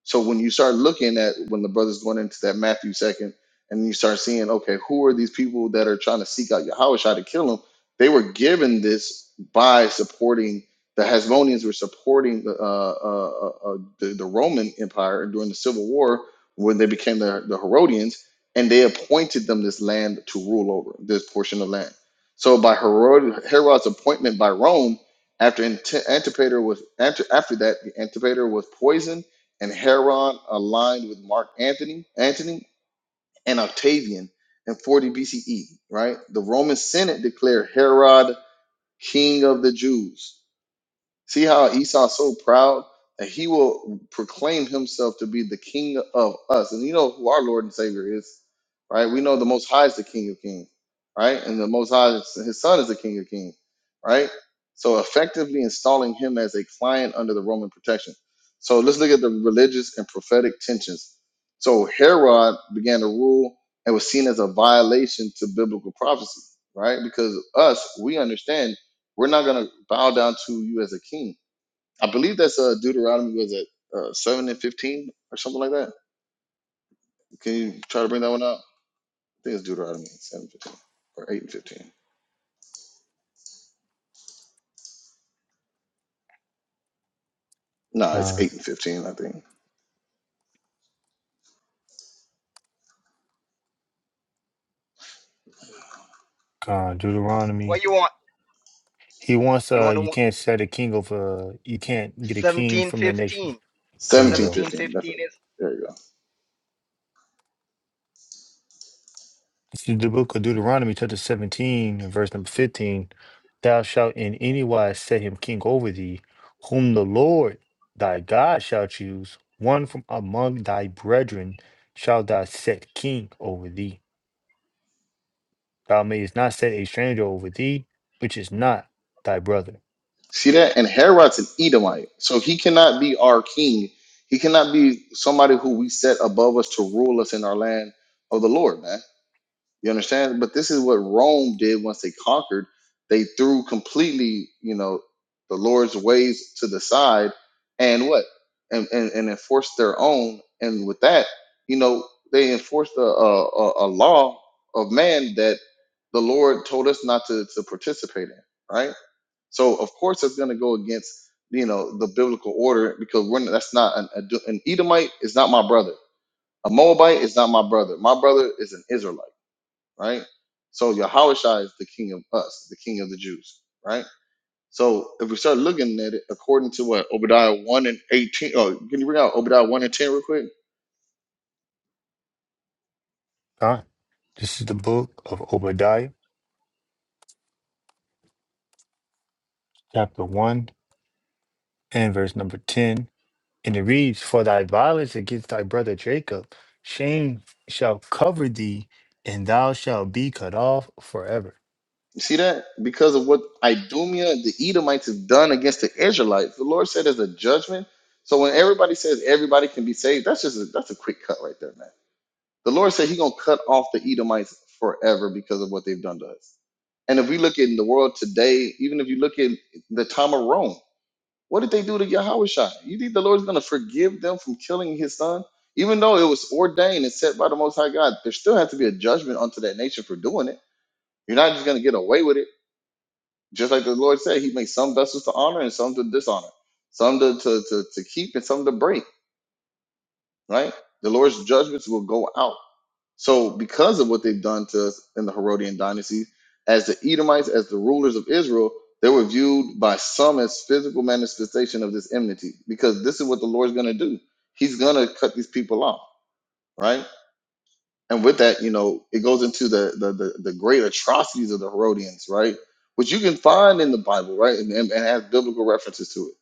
B: So when you start looking at when the brother's going into that Matthew second, and you start seeing, okay, who are these people that are trying to seek out Yahweh to kill him? They were given this by supporting the Hasmoneans were supporting the, uh, uh, uh, uh, the the Roman Empire during the Civil War when they became the, the Herodians, and they appointed them this land to rule over this portion of land. So by Herod, Herod's appointment by Rome, after Ante- Antipater was after after that, the Antipater was poisoned and Heron aligned with Mark Antony, Antony and Octavian in 40 BCE, right? The Roman Senate declared Herod king of the Jews See how Esau's so proud that he will proclaim himself to be the king of us. And you know who our Lord and Savior is, right? We know the Most High is the King of Kings, right? And the Most High, is- his son is the King of Kings, right? So effectively installing him as a client under the Roman protection. So let's look at the religious and prophetic tensions. So Herod began to rule and was seen as a violation to biblical prophecy, right? Because us, we understand we're not going to bow down to you as a king. I believe that's uh, Deuteronomy, was it uh, 7 and 15 or something like that? Can you try to bring that one up? I think it's Deuteronomy 7 15 or 8 and 15. No, it's
A: Uh,
B: 8 and 15, I think.
A: uh,
C: What
A: Deuteronomy.
C: you want?
A: He wants.
C: You
A: Uh,
C: want to
A: you
C: want
A: can't set a king over. uh, you can't get a king from the nation.
C: 1715.
A: There you
B: seventeen
A: go.
B: 15. That's
C: 1715
B: it.
C: is
B: There you go.
A: It's in the book of Deuteronomy, chapter 17, and verse number 15. Thou shalt in any wise set him king over thee, whom the Lord thy God shall choose. One from among thy brethren shalt thou set king over thee. Thou mayest not set a stranger over thee, which is not thy brother.
B: See that? And Herod's an Edomite. So he cannot be our king. He cannot be somebody who we set above us to rule us in our land of the Lord, man. You understand? But this is what Rome did once they conquered. They threw completely, you know, the Lord's ways to the side and what? And and, and enforced their own. And with that, you know, they enforced a, a, a a law of man that the Lord told us not to, to participate in, right? So of course it's going to go against, you know, the biblical order because we're, that's not an, an Edomite is not my brother. A Moabite is not my brother. My brother is an Israelite right? So Yahushua is the king of us, the king of the Jews, right? So if we start looking at it according to what Obadiah 1 and 18, oh, can you bring out Obadiah 1 and 10 real quick?
A: Huh? This is the book of Obadiah, chapter 1 and verse number 10. And it reads, For thy violence against thy brother Jacob, shame shall cover thee, and thou shalt be cut off forever.
B: You see that? Because of what Idumea, the Edomites, have done against the Israelites, the Lord said as a judgment. So when everybody says everybody can be saved, that's just a, that's a quick cut right there, man. The Lord said He's gonna cut off the Edomites forever because of what they've done to us. And if we look in the world today, even if you look at the time of Rome, What did they do to Yahushua? You think the Lord's going to forgive them from killing his son? Even though it was ordained and set by the Most High God, there still has to be a judgment unto that nation for doing it. You're not just going to get away with it. Just like the Lord said, He makes some vessels to honor and some to dishonor, some to, to, to, to keep and some to break, right? The Lord's judgments will go out. So, because of what they've done to us in the Herodian dynasty, as the Edomites, as the rulers of Israel, they were viewed by some as physical manifestation of this enmity. Because this is what the Lord's going to do. He's going to cut these people off, right? and with that, you know, it goes into the the the, the great atrocities of the Herodians, right? Which you can find in the Bible, right, and, and, and has biblical references to it.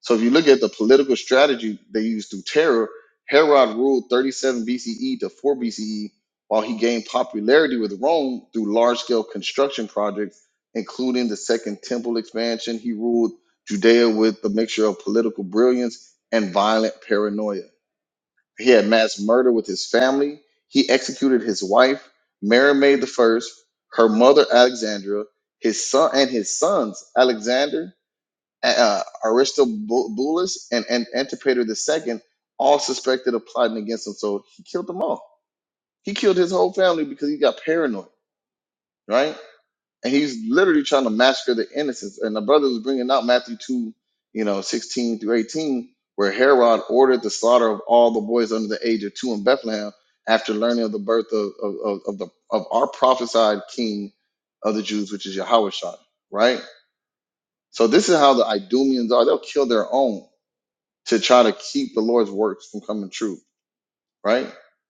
B: So if you look at the political strategy they used through terror, Herod ruled 37 BCE to 4 BCE, while he gained popularity with Rome through large-scale construction projects, including the Second Temple expansion. He ruled Judea with a mixture of political brilliance and violent paranoia he had mass murder with his family. He executed his wife, Mary Maid the First, her mother Alexandra, his son and his sons Alexander, uh, Aristobulus, and, and Antipater the Second, all suspected of plotting against him. So he killed them all. He killed his whole family because he got paranoid, right? and he's literally trying to massacre the innocents. And the brother was bringing out Matthew two, you know, sixteen through eighteen, where Herod ordered the slaughter of all the boys under the age of two in Bethlehem after learning of the birth of of, of, of the of our prophesied King of the Jews, which is Yahushua, right? So this is how the Idumeans are. They'll kill their own to try to keep the Lord's works from coming true right?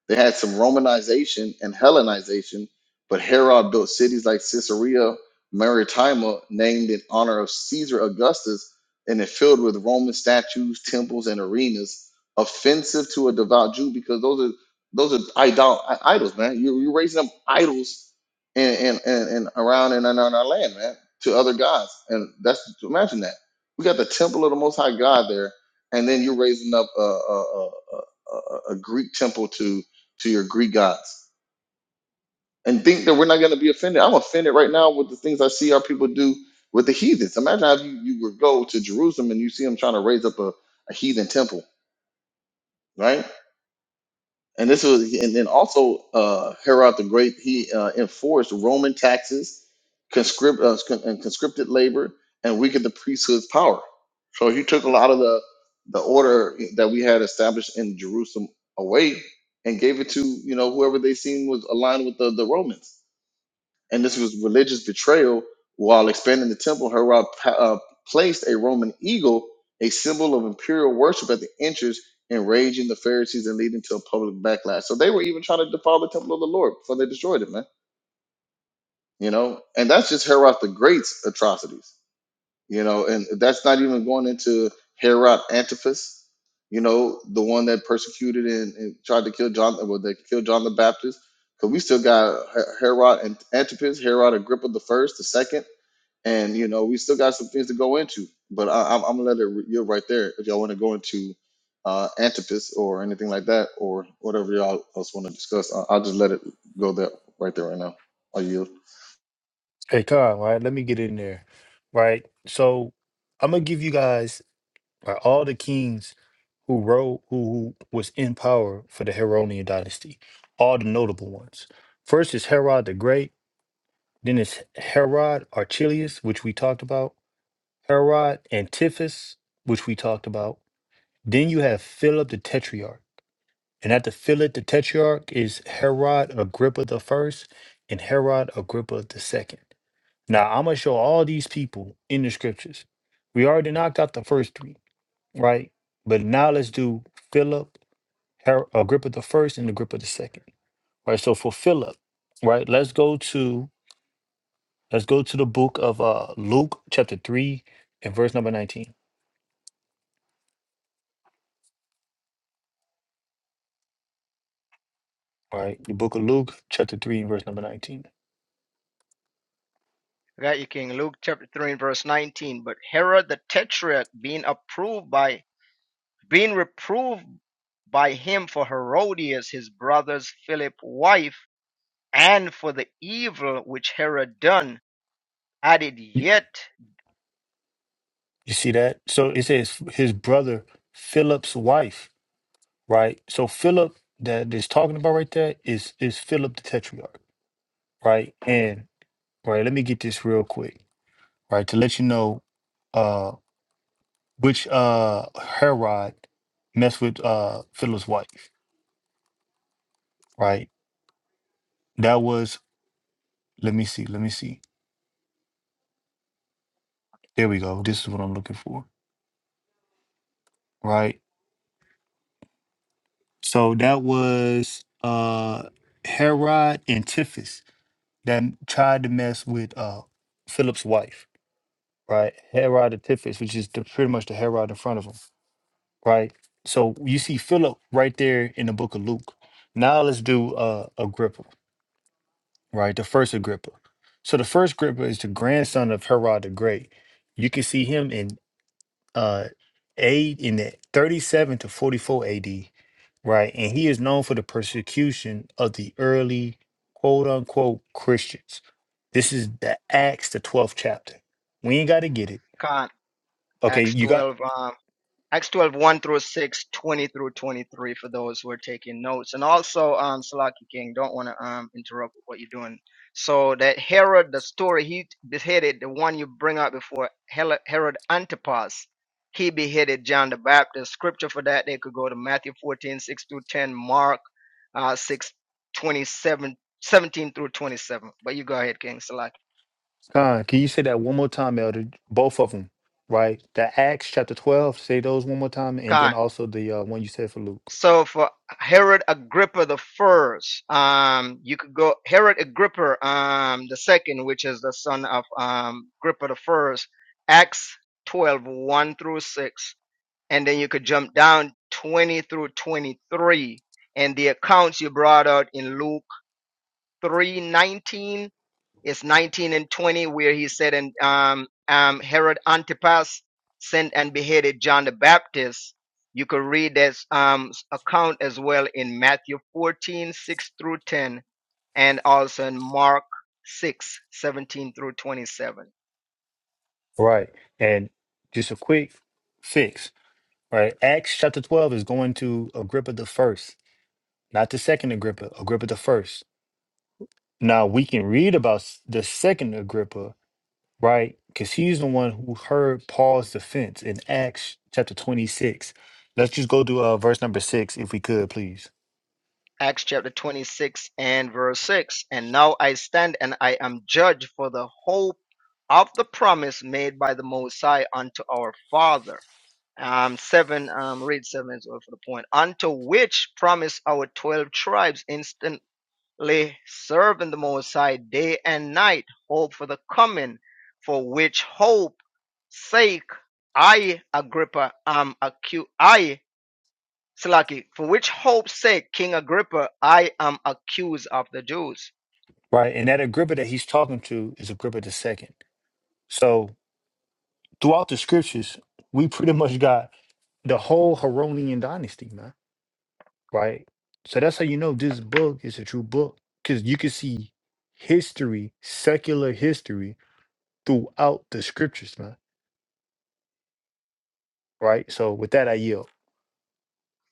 B: They had some Romanization and Hellenization, but Herod built cities like Caesarea Maritima, named in honor of Caesar Augustus, and it filled with Roman statues, temples, and arenas, offensive to a devout Jew because those are those are idol i- idols, man. You you raising up idols and and and, and around and in our land, man, to other gods, and that's imagine that we got the temple of the Most High God there, and then you're raising up a, a Greek temple to to your Greek gods, and think that we're not going to be offended. I'm offended right now with the things I see our people do with the heathens. Imagine how you you would go to Jerusalem and you see them trying to raise up a, a heathen temple, right? and this was and then also uh herod the great he uh, enforced roman taxes conscript uh, con- and conscripted labor and weakened the priesthood's power so he took a lot of the the order that we had established in jerusalem away and gave it to you know whoever they seen was aligned with the, the romans and this was religious betrayal while expanding the temple herod pa- uh, placed a roman eagle a symbol of imperial worship at the entrance enraging the pharisees and leading to a public backlash so they were even trying to defile the temple of the lord before they destroyed it man you know and that's just herod the great's atrocities you know, and that's not even going into Herod Antipas, you know, the one that persecuted and, and tried to kill John, well, they killed John the Baptist, because we still got He- Herod and Antipas, Herod Agrippa the first, the second, and you know, we still got some things to go into. But I, I'm, I'm gonna let it you right there if y'all want to go into uh, Antipas or anything like that, or whatever y'all else want to discuss. I, I'll just let it go there right there right now. Are you
A: Hey, Khan, right? Let me get in there, right? So I'm going to give you guys right, all the kings who rode, who, who was in power for the Heronian dynasty, all the notable ones. First is Herod the Great. Then it's Herod Archelaus, which we talked about. Herod, Antiphus, which we talked about. Then you have Philip the Tetrarch. And after Philip the Tetrarch is Herod Agrippa the first and Herod Agrippa the second. Now I'm gonna show all these people in the scriptures. We already knocked out the first three, right? But now let's do Philip, Her- Agrippa the first, and Agrippa the second. Right. So for Philip, right, let's go to let's go to the book of uh Luke chapter three and verse number nineteen. right? The book of Luke, chapter 3, and verse number 19.
C: I got you, King. Luke chapter 3 and verse 19. But Herod the Tetrarch being approved by being reproved by him for Herodias, his brother's Philip wife, and for the evil which Herod done, added yet,
A: You see that? So it says his brother Philip's wife, right? So Philip that is talking about right there is is Philip the Tetrarch, right? And right, let me get this real quick, right? To let you know uh which uh Herod messed with uh Philip's wife, right? That was let me see, let me see. There we go. This is what I'm looking for, right? So that was uh Herod and Antiphas that tried to mess with uh Philip's wife, right? Herod Antiphas, which is the, pretty much the Herod in front of him, right? So you see Philip right there in the book of Luke. Now let's do uh Agrippa, right? The first Agrippa. So the first Agrippa is the grandson of Herod the Great. You can see him in uh A in the 37 to 44 AD, right? And he is known for the persecution of the early quote unquote Christians. This is the Acts, the 12th chapter. We ain't got to get it.
C: con-
A: Okay,
C: Acts
A: you got
C: 12, um, Acts 12, one through 6, 20 through 23 for those who are taking notes. And also, um, Salaki King, don't want to um, interrupt what you're doing. So that Herod, the story he beheaded, the one you bring up before, Hel- Herod Antipas, he beheaded John the Baptist. Scripture for that, they could go to Matthew 14:6 through 10, Mark uh, 6, twenty-seven, 17 through 27. But you go ahead, King Salaki.
A: Con, can you say that one more time, Elder? Both of them, right? The Acts chapter 12, say those one more time, and then also the uh, one you said for Luke.
C: So for Herod Agrippa the first, um, you could go Herod Agrippa um, the second, which is the son of um, Agrippa the first, Acts twelve one through 6. And then you could jump down 20 through 23. And the accounts you brought out in Luke 3:19 it's 19 and 20 where he said, and um, um, Herod Antipas sent and beheaded John the Baptist. You could read this um, account as well in Matthew 14:6 through 10, and also in Mark 6:17 through 27.
A: Right. And just a quick fix, right? Acts chapter 12 is going to Agrippa the first not the second Agrippa, Agrippa the first. Now we can read about s- the second Agrippa, right? Because he's the one who heard Paul's defense in Acts chapter 26. Let's just go to uh, verse number six, if we could, please.
C: Acts chapter 26 and verse 6. And now I stand and I am judged for the hope of the promise made by the Mosiah unto our father um, 7, um, read 7 as well for the point. Unto which promise our 12 tribes instantly serving the Most High day and night, hope for the coming, for which hope sake I, Agrippa, am accused. I, Slaki, for which hope's sake, King Agrippa, I am accused of the Jews.
A: Right. And that Agrippa that he's talking to is Agrippa the second. So throughout the scriptures, we pretty much got the whole Heronian dynasty, man. Right. So that's how you know this book is a true book. Because you can see history, secular history throughout the scriptures, man. Right? So with that, I yield.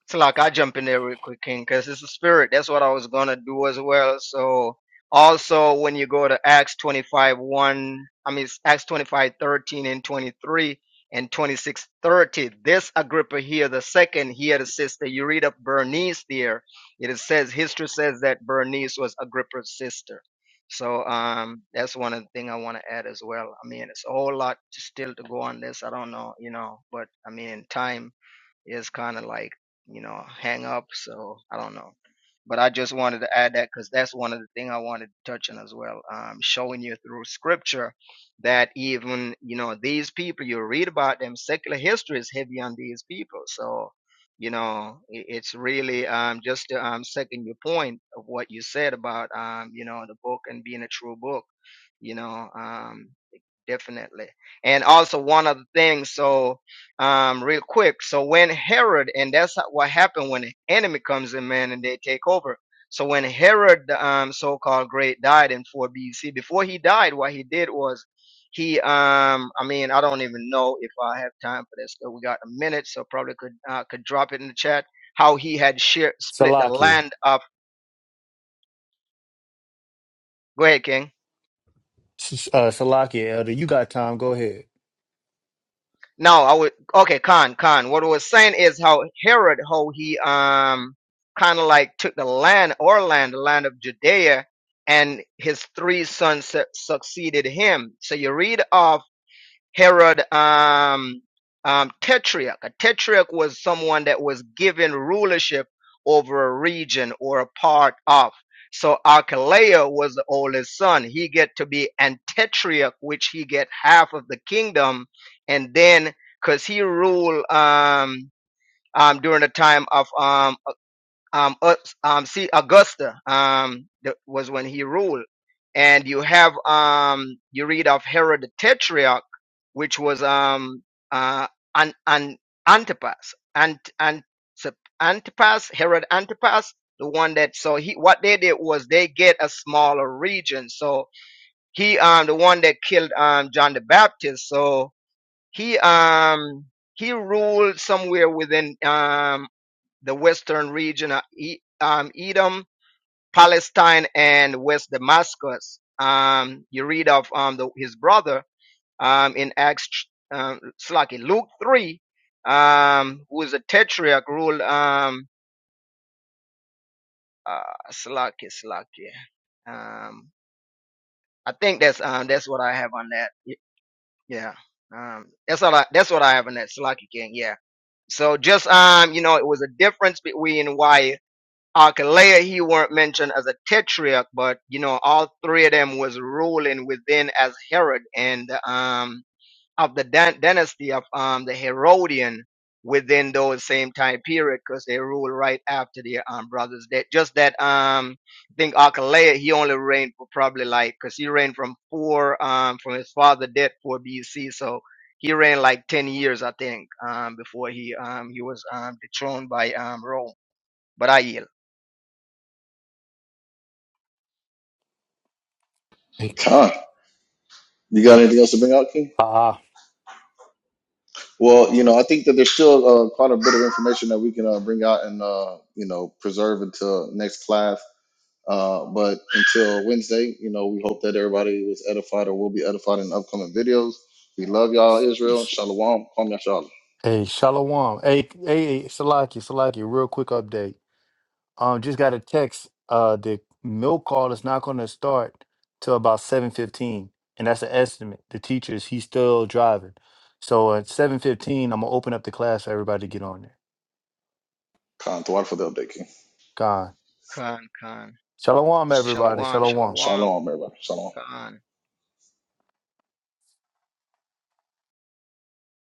C: So like I jump in there real quick, King, because it's a spirit. That's what I was gonna do as well. So also when you go to Acts 25, 1, I mean it's Acts 25 13 and 23 and twenty-six thirty. 30. This Agrippa here, the second here, the sister. You read up Bernice there. It says history says that Bernice was Agrippa's sister. So um that's one of the thing I want to add as well. I mean, it's a whole lot to still to go on this. I don't know, you know, but I mean time is kind of like, you know, hang up. So I don't know. But I just wanted to add that because that's one of the thing I wanted to touch on as well. Um, showing you through scripture that even, you know, these people, you read about them, secular history is heavy on these people. So, you know, i- it's really um, just to um, second your point of what you said about, um, you know, the book and being a true book you know. Um, definitely. And also one other thing. so um, real quick, so when Herod, and that's what happened when the enemy comes in, man, and they take over. So when Herod, the um, so-called great, died in 4 BC, before he died, what he did was he, um, I mean, I don't even know if I have time for this, but we got a minute, so probably could uh, could drop it in the chat. How he had share, split the
A: Salakia.
C: land up. Go ahead, King.
A: S- Uh, Salakia, Elder, you got time. Go ahead.
C: No, I would okay, Khan, Khan. What I was saying is how Herod, how he um kind of like took the land, or land, the land of Judea, and his three sons su- succeeded him. So you read off. Herod um, um, Tetrarch. A tetrarch was someone that was given rulership over a region or a part of. So Archelaus was the oldest son. He get to be an tetrarch, which he get half of the kingdom, and then because he ruled um, um, during the time of um, um, Us- um, see Augusta um, that was when he ruled, and you have um, you read of Herod the Tetrarch, which was um, uh, an, an Antipas, Ant, Ant, Antipas, Herod Antipas, the one that so he what they did was they get a smaller region. So he um the one that killed um John the Baptist. So he um he ruled somewhere within um the western region of E- um, Edom, Palestine, and West Damascus. Um, you read of um, the, his brother um, in Acts, um, Slaki, Luke 3, um, who is a tetrarch, ruled um, uh, Slaki, Slaki. Um, I think that's um, that's what I have on that. Yeah, um, that's all. I, that's what I have on that Slaki King. Yeah. So just um, you know, it was a difference between why. Archelaus, he weren't mentioned as a tetrarch, but you know, all three of them was ruling within as Herod and um of the dan- dynasty of um the Herodian within those same time period because they ruled right after their um brother's death. Just that um I think Archelaus he only reigned for probably like because he reigned from four um from his father death four BC, so he reigned like ten years I think um before he um he was um dethroned by um Rome. But I yield.
A: Hey,
B: Con? You got anything else to bring out, King?
A: ah,
B: Well, you know, I think that there's still uh, quite a bit of information that we can uh, bring out and uh, you know preserve until next class. Uh, but until Wednesday, you know, we hope that everybody was edified or will be edified in upcoming videos. We love y'all, Israel.
A: s-
B: Shalom. Kwame Yashala.
A: hey Shalom. Hey, hey, hey, Salakia, Salakia, real quick update. Um, just got a text. Uh, the milk call is not going to start till about 7.15, and that's an estimate. The teachers, he's still driving. So at 7.15, I'm going to open up the class for everybody to get on there.
B: Khan Thawad for the update, King.
A: Gone.
C: Khan, Khan.
A: Shalom, everybody.
C: Shalom,
A: Shalom.
C: Shalom,
B: Shalom, everybody. Shalom.
C: Khan.